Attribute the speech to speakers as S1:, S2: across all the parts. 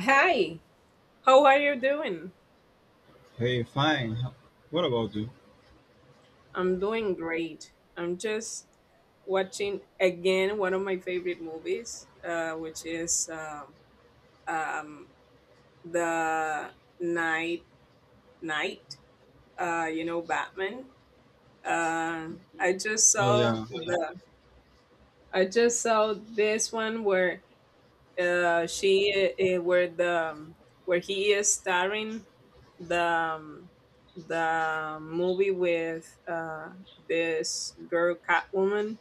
S1: Hi, how are you doing?
S2: Hey, fine. What about you?
S1: I'm doing great. I'm just watching again one of my favorite movies, uh, which is um, um, the Night Night. Batman. Uh, I just
S2: Oh
S1: saw
S2: yeah,
S1: the I just saw this one where she where the where he is starring the um, the movie with this girl Catwoman,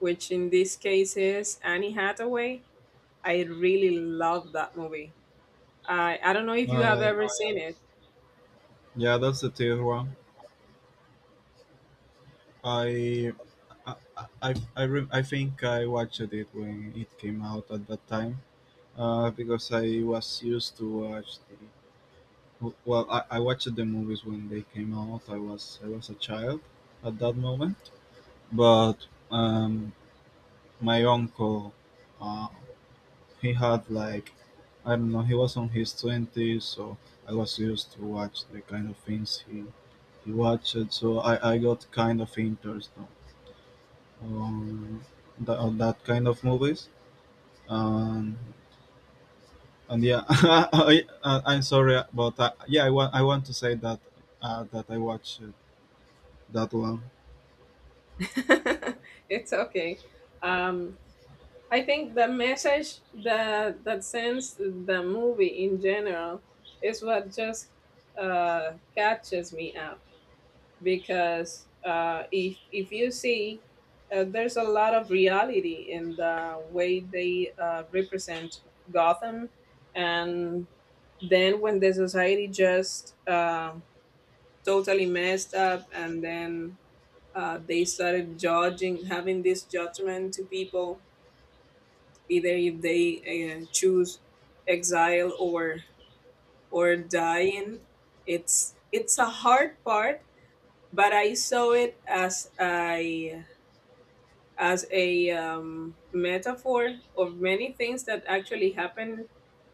S1: which in this case is Annie Hathaway. I really love that movie. I don't know if you
S2: oh
S1: have
S2: yeah,
S1: ever seen it.
S2: yeah. That's the third one. I, I, I think I watched it when it came out at that time. Because I was used to watch well, I watched the movies when they came out. I was a child at that moment, but um, my uncle, uh, he had like I don't know, he was on his 20s, so I was used to watch the kind of things he watched, so I got kind of interest on on that kind of movies. Um, and yeah, I'm sorry, but yeah, I want to say that I watched that one.
S1: It's okay. Um, I think the message that sends the movie in general is what just catches me up, because if you see, there's a lot of reality in the way they represent Gotham, and then when the society just totally messed up, and then they started judging, having this judgment to people, either if they choose exile or dying. It's a hard part, but I saw it as a metaphor of many things that actually happen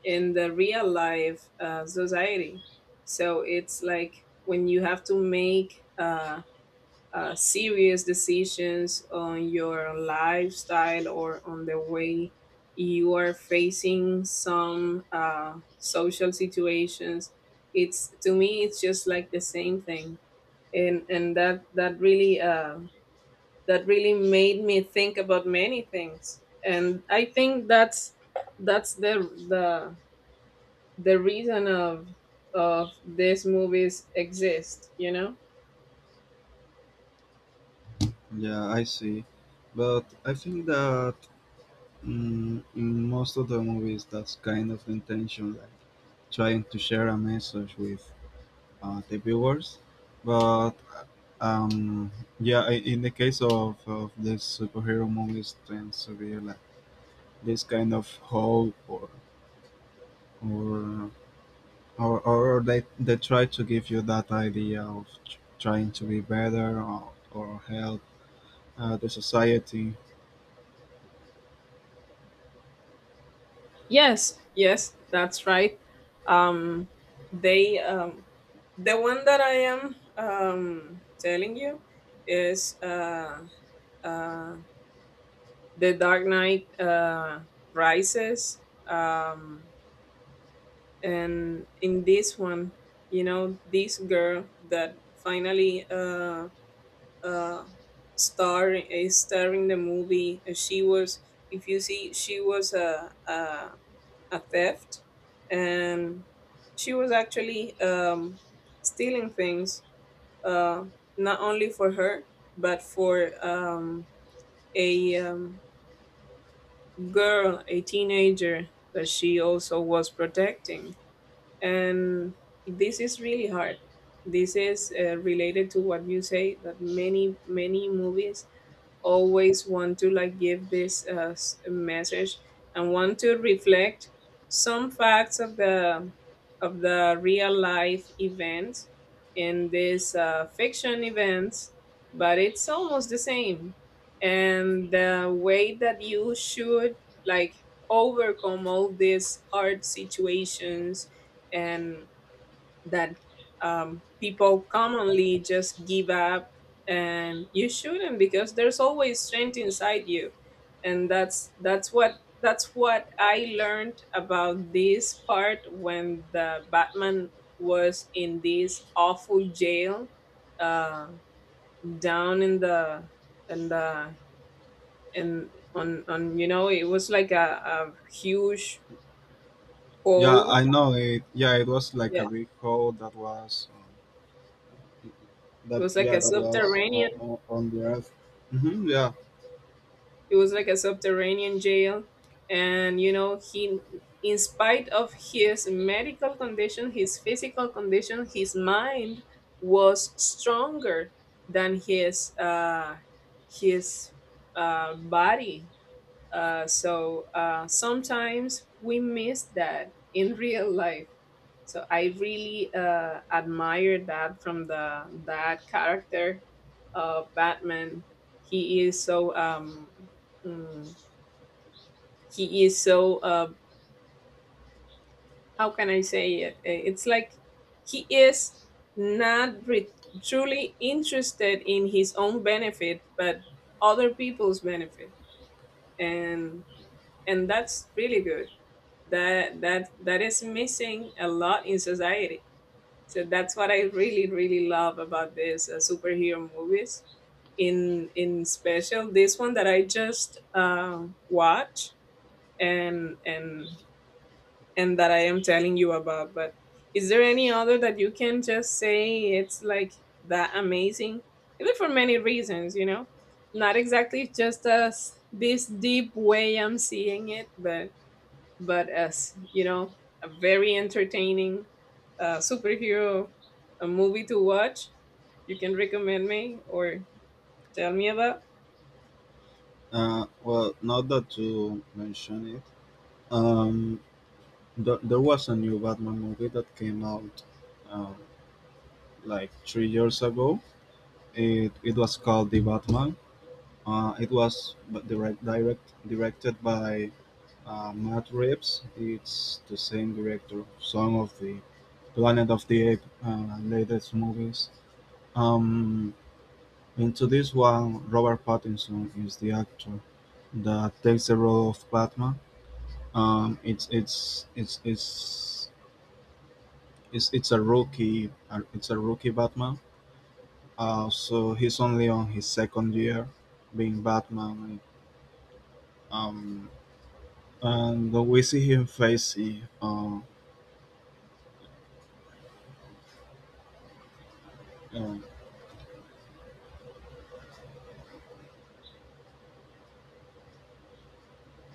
S1: in the real life society. So it's like when you have to make serious decisions on your lifestyle or on the way you are facing some social situations. It's to me, it's just like the same thing, and that really made me think about many things. And I think that's that's the the the reason of these movies exist, you know?
S2: Yeah, I see, but I think that in most of the movies, that's kind of the intention, like trying to share a message with the viewers. But um, yeah, in the case of the superhero movies, tends to be like this kind of hope or or they try to give you that idea of trying to be better or help the society.
S1: Yes, yes, that's right. Um they the one that I am telling you is uh The Dark Knight Rises. Um and in this one, you know, this girl that finally uh star is starring the movie, she was, if you see, she was a theft, and she was actually stealing things uh not only for her, but for a girl, a teenager, that she also was protecting. And this is really hard. This is related to what you say, that many many movies always want to like give this message and want to reflect some facts of the real life events in this fiction events, but it's almost the same. And the way that you should like overcome all these hard situations, and that people commonly just give up, and you shouldn't, because there's always strength inside you. And that's what I learned about this part, when the Batman was in this awful jail, uh, down in the in the in on, you know, it was like a huge
S2: Yeah,
S1: hole.
S2: I know it. Yeah, it was like a
S1: Yeah,
S2: big hole that was
S1: it
S2: that
S1: was like
S2: yeah,
S1: a
S2: that was
S1: subterranean.
S2: on the earth. Hmm, yeah.
S1: It was like a subterranean jail, and you know he, in spite of his medical condition, his physical condition, his mind was stronger than his body, so sometimes we miss that in real life. So I really admire that from the that character of Batman. He is so mm, he is so how can I say it? It's like he is not truly interested in his own benefit, but other people's benefit, and and that's really good, that that is missing a lot in society. So that's what I really really love about this superhero movies, in special this one that I just watch, and and and that I am telling you about. But is there any other that you can just say it's like that amazing, even for many reasons, you know, not exactly just as this deep way I'm seeing it, but, as you know, a very entertaining superhero a movie to watch. You can recommend me or tell me about.
S2: Well, not that to mention it. Um, there was a new Batman movie that came out, um, like 3 years ago. It was called The Batman. It was directed by Matt Reeves. It's the same director of some of the Planet of the Apes latest movies. Um, into this one, Robert Pattinson is the actor that takes the role of Batman. Um, it's it's it's it's it's a rookie. It's a rookie Batman. So he's only on his second year being Batman. Um, and we see him facing. Uh,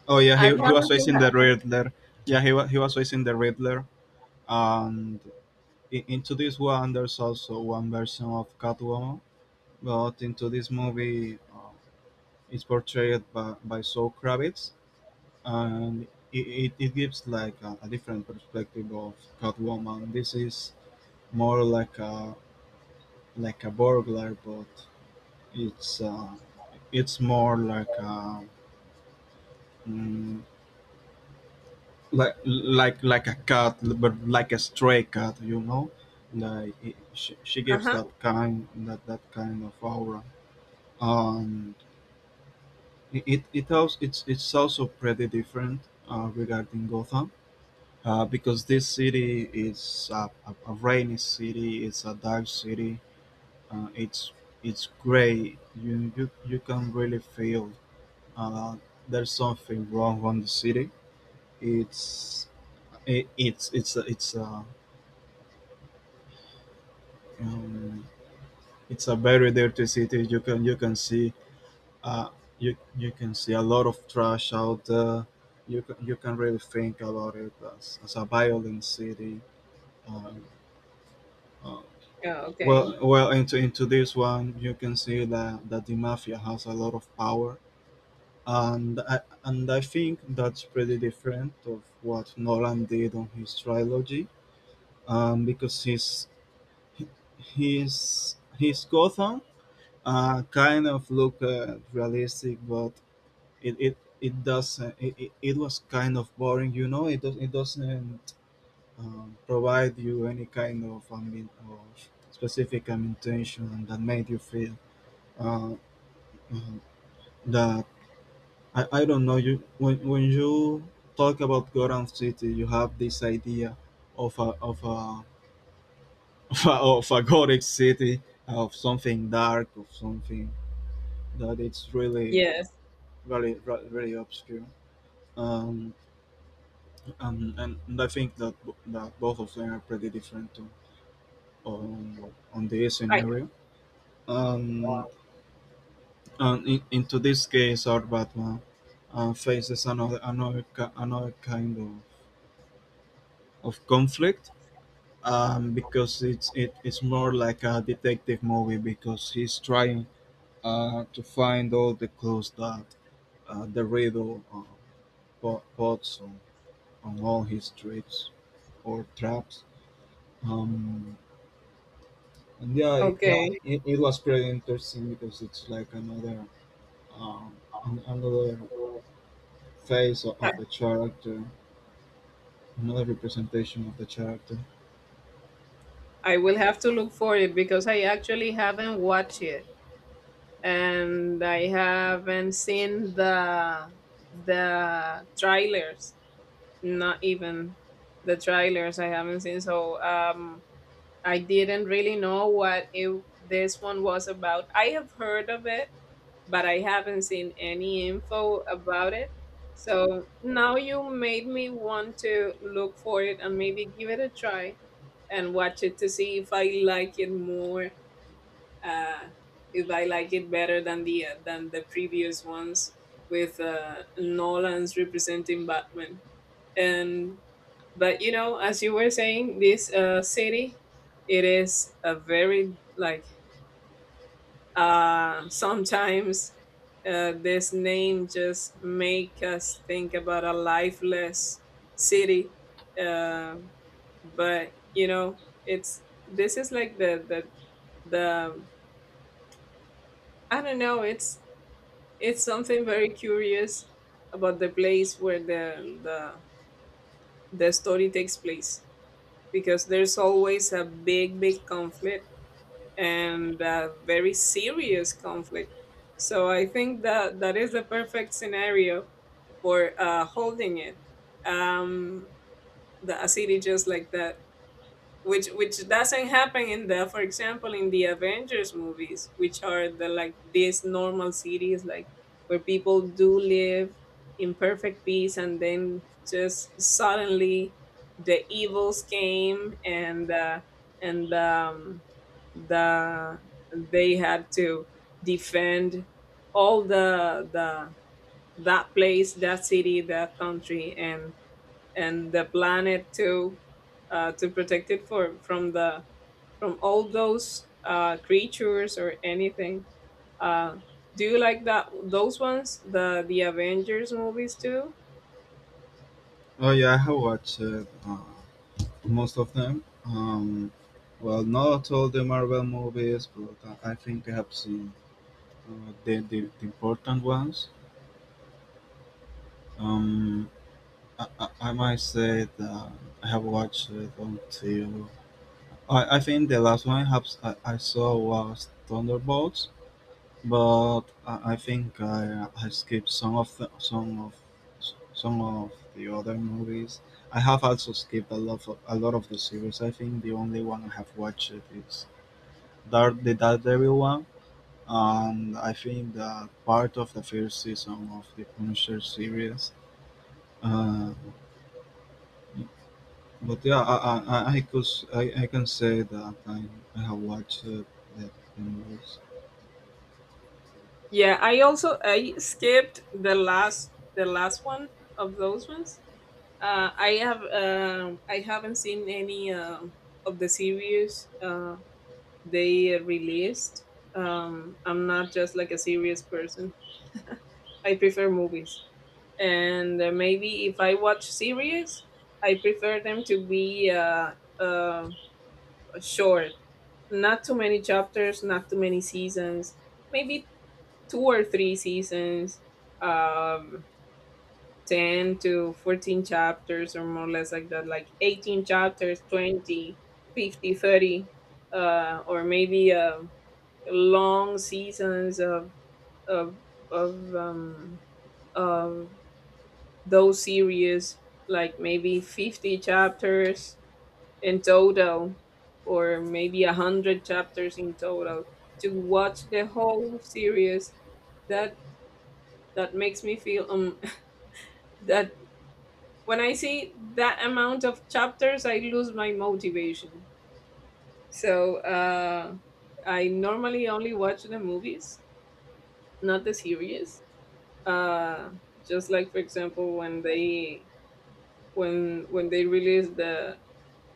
S2: oh yeah,
S1: I
S2: he was
S1: haven't seen
S2: facing the
S1: that.
S2: Riddler. Yeah, he was facing the Riddler. And into this one, there's also one version of Catwoman. But into this movie, it's portrayed by Zoe Kravitz, and it gives like a different perspective of Catwoman. This is more like a burglar, but it's uh, it's more like a mm, like a cat, but like a stray cat. Like she
S1: Uh
S2: gives
S1: huh.
S2: that kind of aura. Um, it's also pretty different regarding Gotham because this city is a rainy city. It's a dark city. Uh, it's it's gray. You can really feel uh, there's something wrong on the city. It's it's a um, it's a very dirty city. You can see. uh, you can see a lot of trash out there. You can really think about it as a violent city. Um, uh,
S1: Yeah, okay.
S2: well, into this one, you can see that the mafia has a lot of power, and I think that's pretty different of what Nolan did on his trilogy, because his he- his Gotham kind of look realistic, but it doesn't. It was kind of boring. It does, it doesn't provide you any kind of, I mean, of specific intention that made you feel. uh, uh, that I don't know you when you talk about Gotham City, you have this idea of a of a gothic city, of something dark, of something that it's really
S1: Yes.
S2: really obscure. Um, and I think that both of them are pretty different too, on this
S1: I
S2: scenario. Um, and into this case, our Batman faces another kind of conflict, because it is more like a detective movie because he's trying to find all the clues that the riddle puts on all his tricks or traps. Um, and yeah, it, it,
S1: okay.
S2: it it was pretty interesting because it's like um, another phase
S1: I,
S2: of the character, another representation of the character.
S1: I will have to look for it, because I actually haven't watched it, and I haven't seen the trailers. Not even the trailers. I haven't seen. So I didn't really know what it, this one was about. I have heard of it, but I haven't seen any info about it. So now you made me want to look for it and maybe give it a try and watch it to see if I like it more, uh, if I like it better than the previous ones with Nolan's representing Batman. And but you know, as you were saying, this city, it is a very like sometimes this name just make us think about a lifeless city, uh, but you know, it's this is like the I don't know, it's something very curious about the place where the story takes place, because there's always a big big conflict and a very serious conflict. So I think that that is the perfect scenario for holding it. Um, the A city just like that, which doesn't happen in the, for example, in the Avengers movies, which are the like these normal cities, like where people do live in perfect peace, and then just suddenly the evils came, and the they had to defend all the that place, that city, that country, and the planet too, to protect it for from the from all those creatures or anything. Uh, do you like that, those ones, the Avengers movies too?
S2: Oh yeah, I have watched it. Most of them. Well, not all the Marvel movies, but I think I have seen the important ones. Um, I might say that I have watched it until I think the last one I saw was Thunderbolts, but I think I skipped some of the other movies. I have also skipped a lot of the series. I think the only one I have watched is the Daredevil one, and I think that part of the first season of the Punisher series. Uh, but yeah, I can say that I have watched the, the movies.
S1: Yeah, I also I skipped the last one of those ones. I have I haven't seen any of the series. They released. I'm not just like a serious person. I prefer movies, and maybe if I watch series, I prefer them to be short, not too many chapters, not too many seasons. Maybe two or three seasons, um, 10 to 14 chapters, or more or less like that. Like 18 chapters, 20, 50, 30, or maybe long seasons of of of um of those series, like maybe 50 chapters in total, or maybe 100 chapters in total, to watch the whole series. That that makes me feel that when I see that amount of chapters, I lose my motivation. So I normally only watch the movies, not the series. uh just like, for example, when they released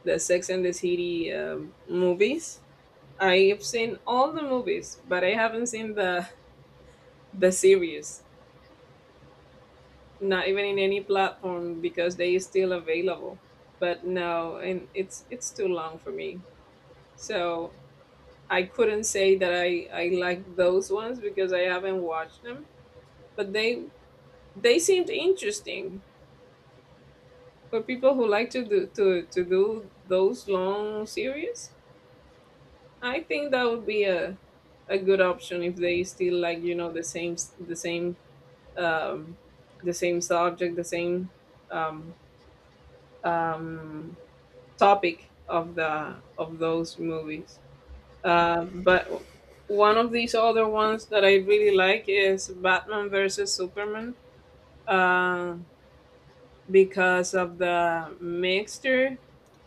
S1: the Sex and the City movies, I've seen all the movies, but I haven't seen the series, not even in any platform, because they is still available, but no. And it's too long for me. So I couldn't say that i like those ones, because I haven't watched them, but they seemed interesting for people who like to do those long series. I think that would be a good option, if they still like, you know, the same the same um the same subject, the same um um topic of the of those movies. But one of these other ones that I really like is Batman versus Superman, uh because of the mixture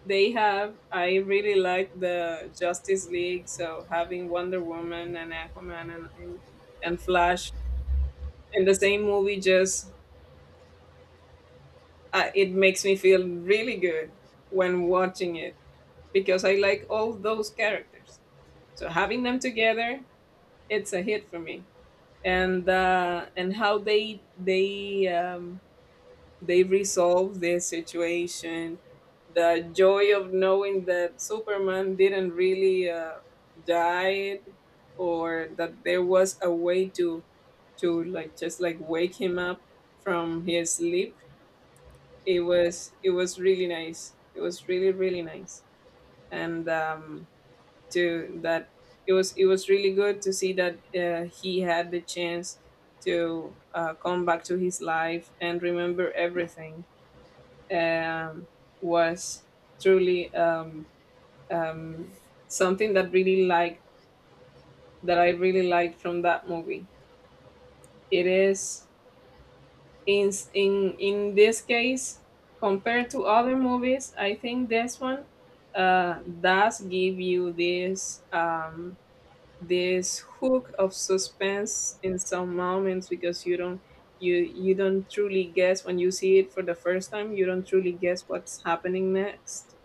S1: they have. I really like the Justice League, so having Wonder Woman and Aquaman and and Flash in the same movie just it makes me feel really good when watching it, because I like all those characters. So having them together, it's a hit for me. And how they resolved their situation, the joy of knowing that Superman didn't really died, or that there was a way to like just like wake him up from his sleep. It was it was really nice, it was really really nice. And um to that it was really good to see that he had the chance to come back to his life and remember everything, um, was truly um, something that really liked, that I really liked from that movie. It is, in this case compared to other movies. I think this one does give you this this hook of suspense in some moments, because you don't, you don't truly guess when you see it for the first time, you don't truly guess what's happening next.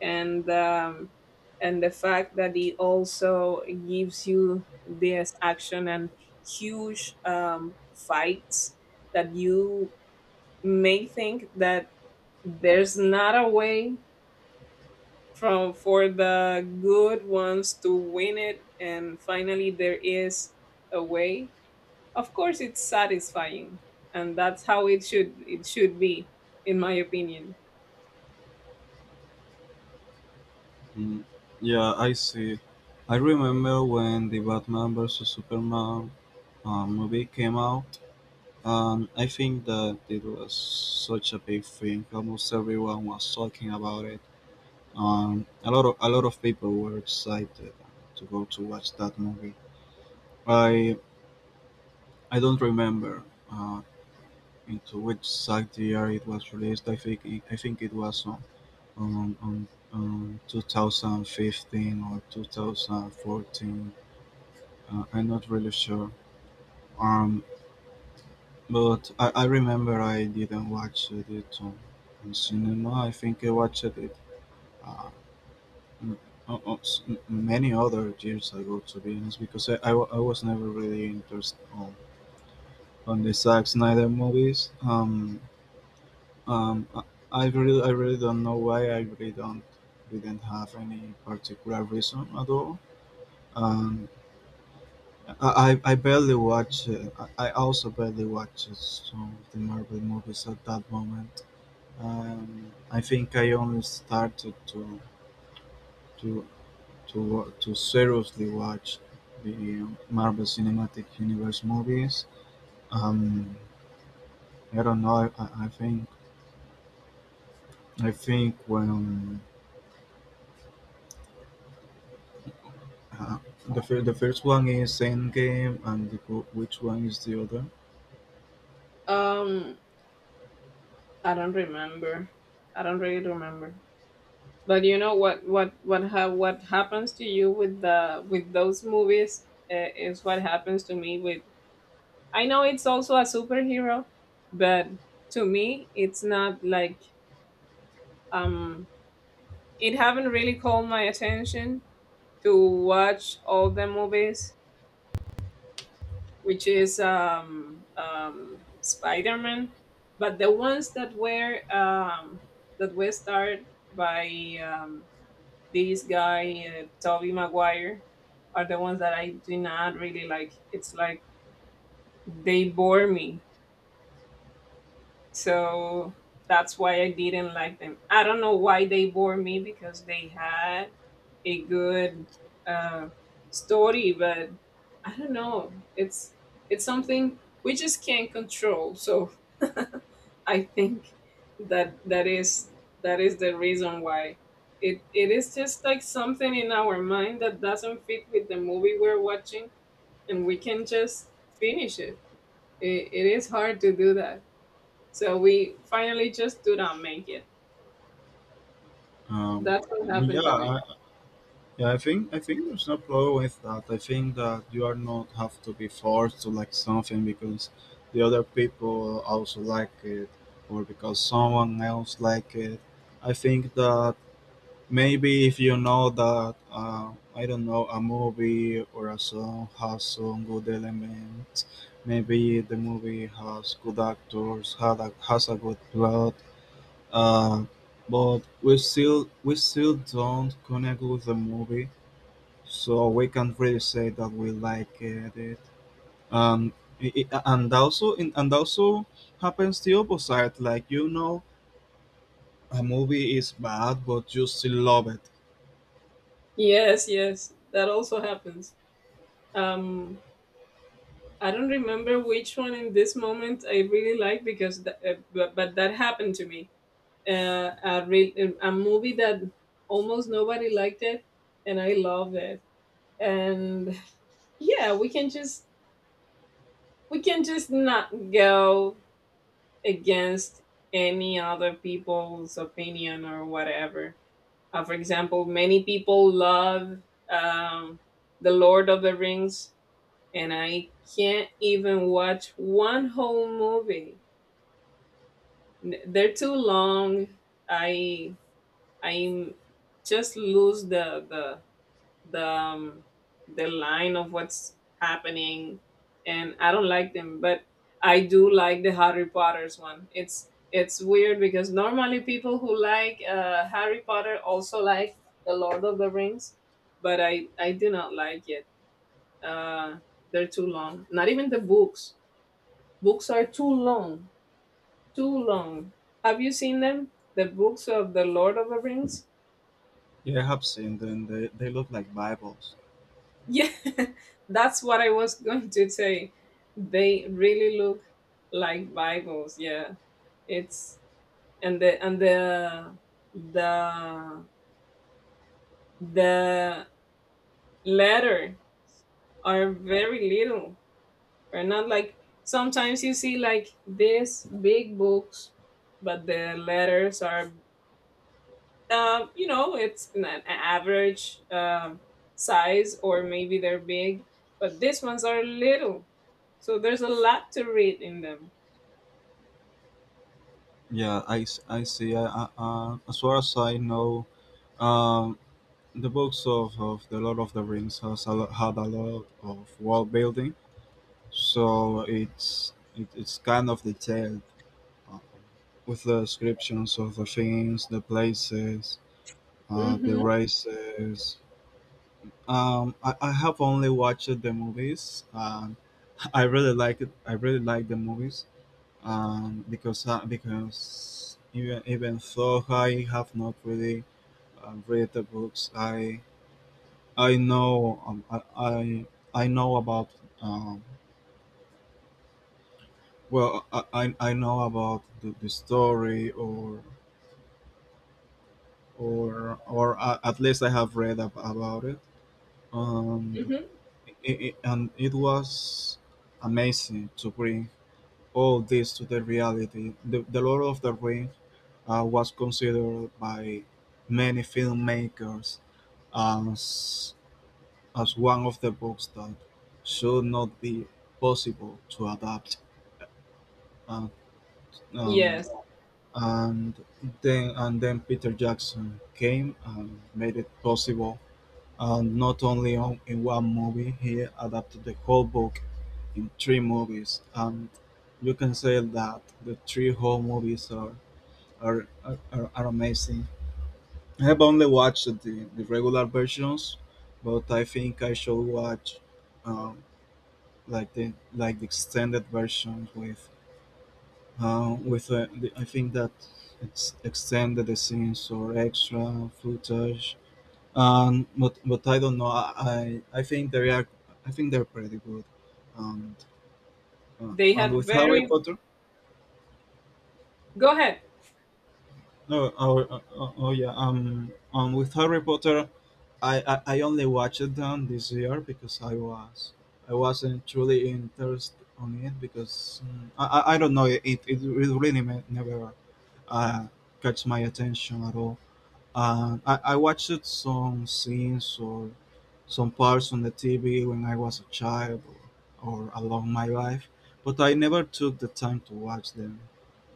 S1: And and the fact that it also gives you this action and huge fights, that you may think that there's not a way from for the good ones to win it, and finally there is a way, of course. It's satisfying, and that's how it should be, in my opinion.
S2: Mm, yeah, I see. I remember when the Batman vs Superman movie came out, and I think that it was such a big thing. Almost everyone was talking about it. A lot of people were excited to go to watch that movie. I I don't remember uh, into which site the year it was released. I think it was on, on, on 2015 or 2014. I'm not really sure. Um, but I remember I didn't watch it on cinema. I think I watched it uh, uh, uh, many other years ago, to be honest, because I was never really interested on the Zack Snyder movies. Um, I, I really don't know why. I really don't didn't have any particular reason at all. Um, I barely watch. I also barely watch some of the Marvel movies at that moment. I think I only started to to seriously watch the Marvel Cinematic Universe movies. Um, I don't know. I think when uh, the first one is Endgame, and which one is the other?
S1: Um i don't remember i don't really remember. But you know what happens to you with the with those movies is what happens to me with. I know it's also a superhero, but to me it's not like um it haven't really called my attention to watch all the movies, which is Spider Man. But the ones that were starred by um this guy and Toby Maguire are the ones that I do not really like. It's like they bore me. So that's why I didn't like them. I don't know why they bore me, because they had a good uh, story. But I don't know, it's something we just can't control. So I think that that is the reason why it it is just like something in our mind that doesn't fit with the movie we're watching, and we can just finish it. It is hard to do that, so we finally just do not make it.
S2: Um,
S1: That's what
S2: yeah,
S1: happened to me.
S2: I, yeah. I think there's no problem with that. I think that you are not have to be forced to like something because the other people also like it, or because someone else like it. I think that maybe if you know that I don't know a movie or a song has some good elements. Maybe the movie has good actors, has a good plot, uh, but we still don't connect with the movie, so we can't really say that we like it. Um, and also happens the opposite. Like, a movie is bad, but you still love it.
S1: Yes, yes, that also happens. Um, I don't remember which one in this moment I really like, because, but that happened to me, a real a movie that almost nobody liked it, and I love it. And yeah, we can just not go against any other people's opinion or whatever. For example, many people love um, the Lord of the Rings, and I can't even watch one whole movie. They're too long. I I just lose the the um, the line of what's happening, and I don't like them. But I do like the Harry Potter's one. It's weird, because normally people who like Harry Potter also like the Lord of the Rings, but i do not like it. uh they're too long, not even the books. Books are too long, too long. Have you seen them, the books of the Lord of the Rings?
S2: Yeah, I have seen them. They look like Bibles.
S1: Yeah, that's what I was going to say. They really look like Bibles. Yeah, it's, and the and the the the letter are very little. Are not like sometimes you see like these big books, but the letters are, you know, it's an average size, or maybe they're big, but these ones are little. So there's a lot to read in them.
S2: Yeah, I see. As far as I know, um, the books of The Lord of the Rings had a lot of world building, so it's kind of detailed uh, with the descriptions of the things, the places, the
S1: hmm
S2: races. I have only watched the movies. I really like it. I really like the movies, because even though I have not really read the books, I know I know about um, well, I know about the story, at least I have read about it, and
S1: hmm
S2: it was amazing to bring all this to the reality. The Lord of the Rings was considered by many filmmakers as, as one of the books that should not be possible to adapt. Uh, um,
S1: Yes,
S2: and and then Peter Jackson came and made it possible. And not only in one movie, he adapted the whole book in three movies. And you can say that the three whole movies are amazing. I have only watched the regular versions, but I think I should watch um, like the extended version with I think that it's extended the scenes or extra footage. But I don't know. I think they are I think they're pretty good. And uh,
S1: they
S2: and
S1: had
S2: with Harry
S1: very.
S2: Potter,
S1: Go ahead.
S2: no, yeah. And with Harry Potter, I only watched them this year because I wasn't truly interested on it because I don't know it really never uh, catch my attention at all. I watched some scenes or some parts on the TV when I was a child or along my life, but I never took the time to watch them.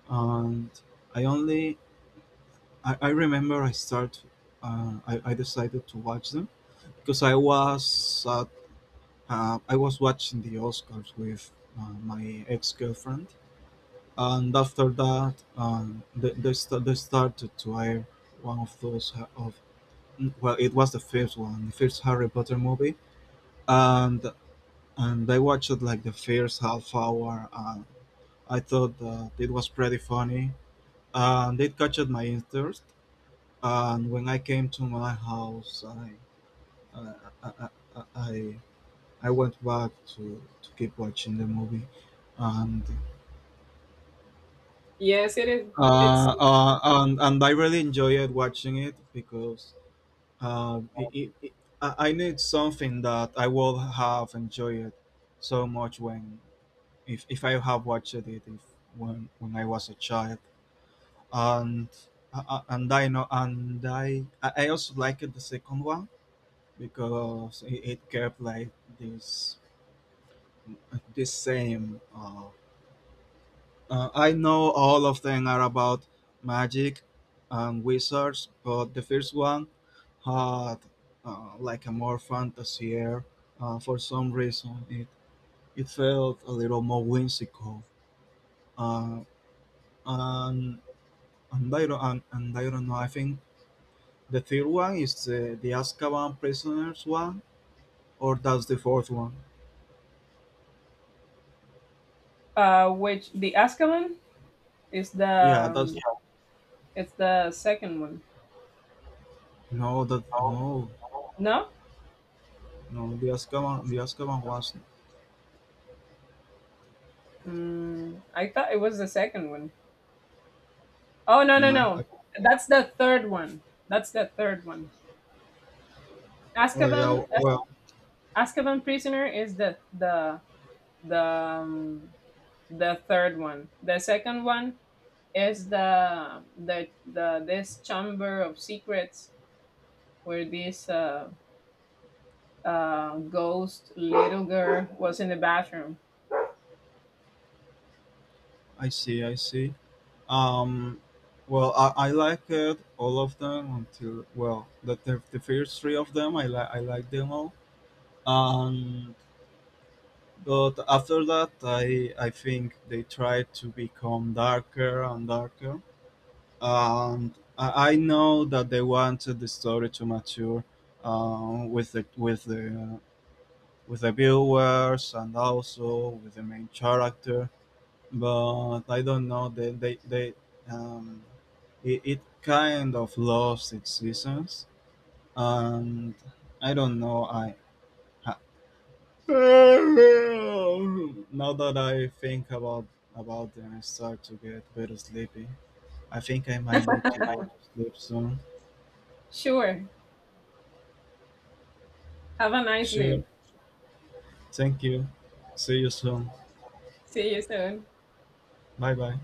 S2: And I only I remember I decided to watch them because I was watching the Oscars with my ex girlfriend, and after that, they started to air one of well, it was the first one, the first Harry Potter movie, and I watched like the first half hour, and I thought that it was pretty funny, and it captured my interest. And when I came to my house, I, I, I, I I went back to keep watching the movie, and
S1: Yes, it is. It's
S2: I really enjoyed watching it because um, it, it, it, I need something that I would have enjoyed so much when if I have watched it if when when I was a child, and I know and I also liked the second one because it kept like this this same. I know all of them are about magic and wizards, but the first one had like a more fantasy air. For some reason, it felt a little more whimsical. Uh, and and I don't know. I think the third one is the Azkaban prisoners one, or that's the fourth one.
S1: which the Azkaban is the
S2: Yeah, that's
S1: it's the second one.
S2: no, that no,
S1: No,
S2: no. The Azkaban was
S1: I thought it was the second one. Oh no no
S2: no.
S1: no, that's the third one. That's the third one.
S2: Oh
S1: Azkaban,
S2: yeah, well.
S1: Azkaban Prisoner is the the um, the third one. The second one is the this chamber of secrets, where this ghost little girl was in the bathroom.
S2: I see. Um, well, I like all of them until, well, the first three of them, I like them all. And But after that, I think they tried to become darker and darker. And I know that they wanted the story to mature, um, with the with the uh, with the viewers and also with the main character, but I don't know. They um, it kind of lost its seasons, and I don't know. Ha- Now that I think about them, I start to get very sleepy. I think I might need to go to sleep soon.
S1: Sure. Have a nice
S2: Sure.
S1: sleep.
S2: Thank you. See you soon.
S1: See you soon.
S2: Bye bye.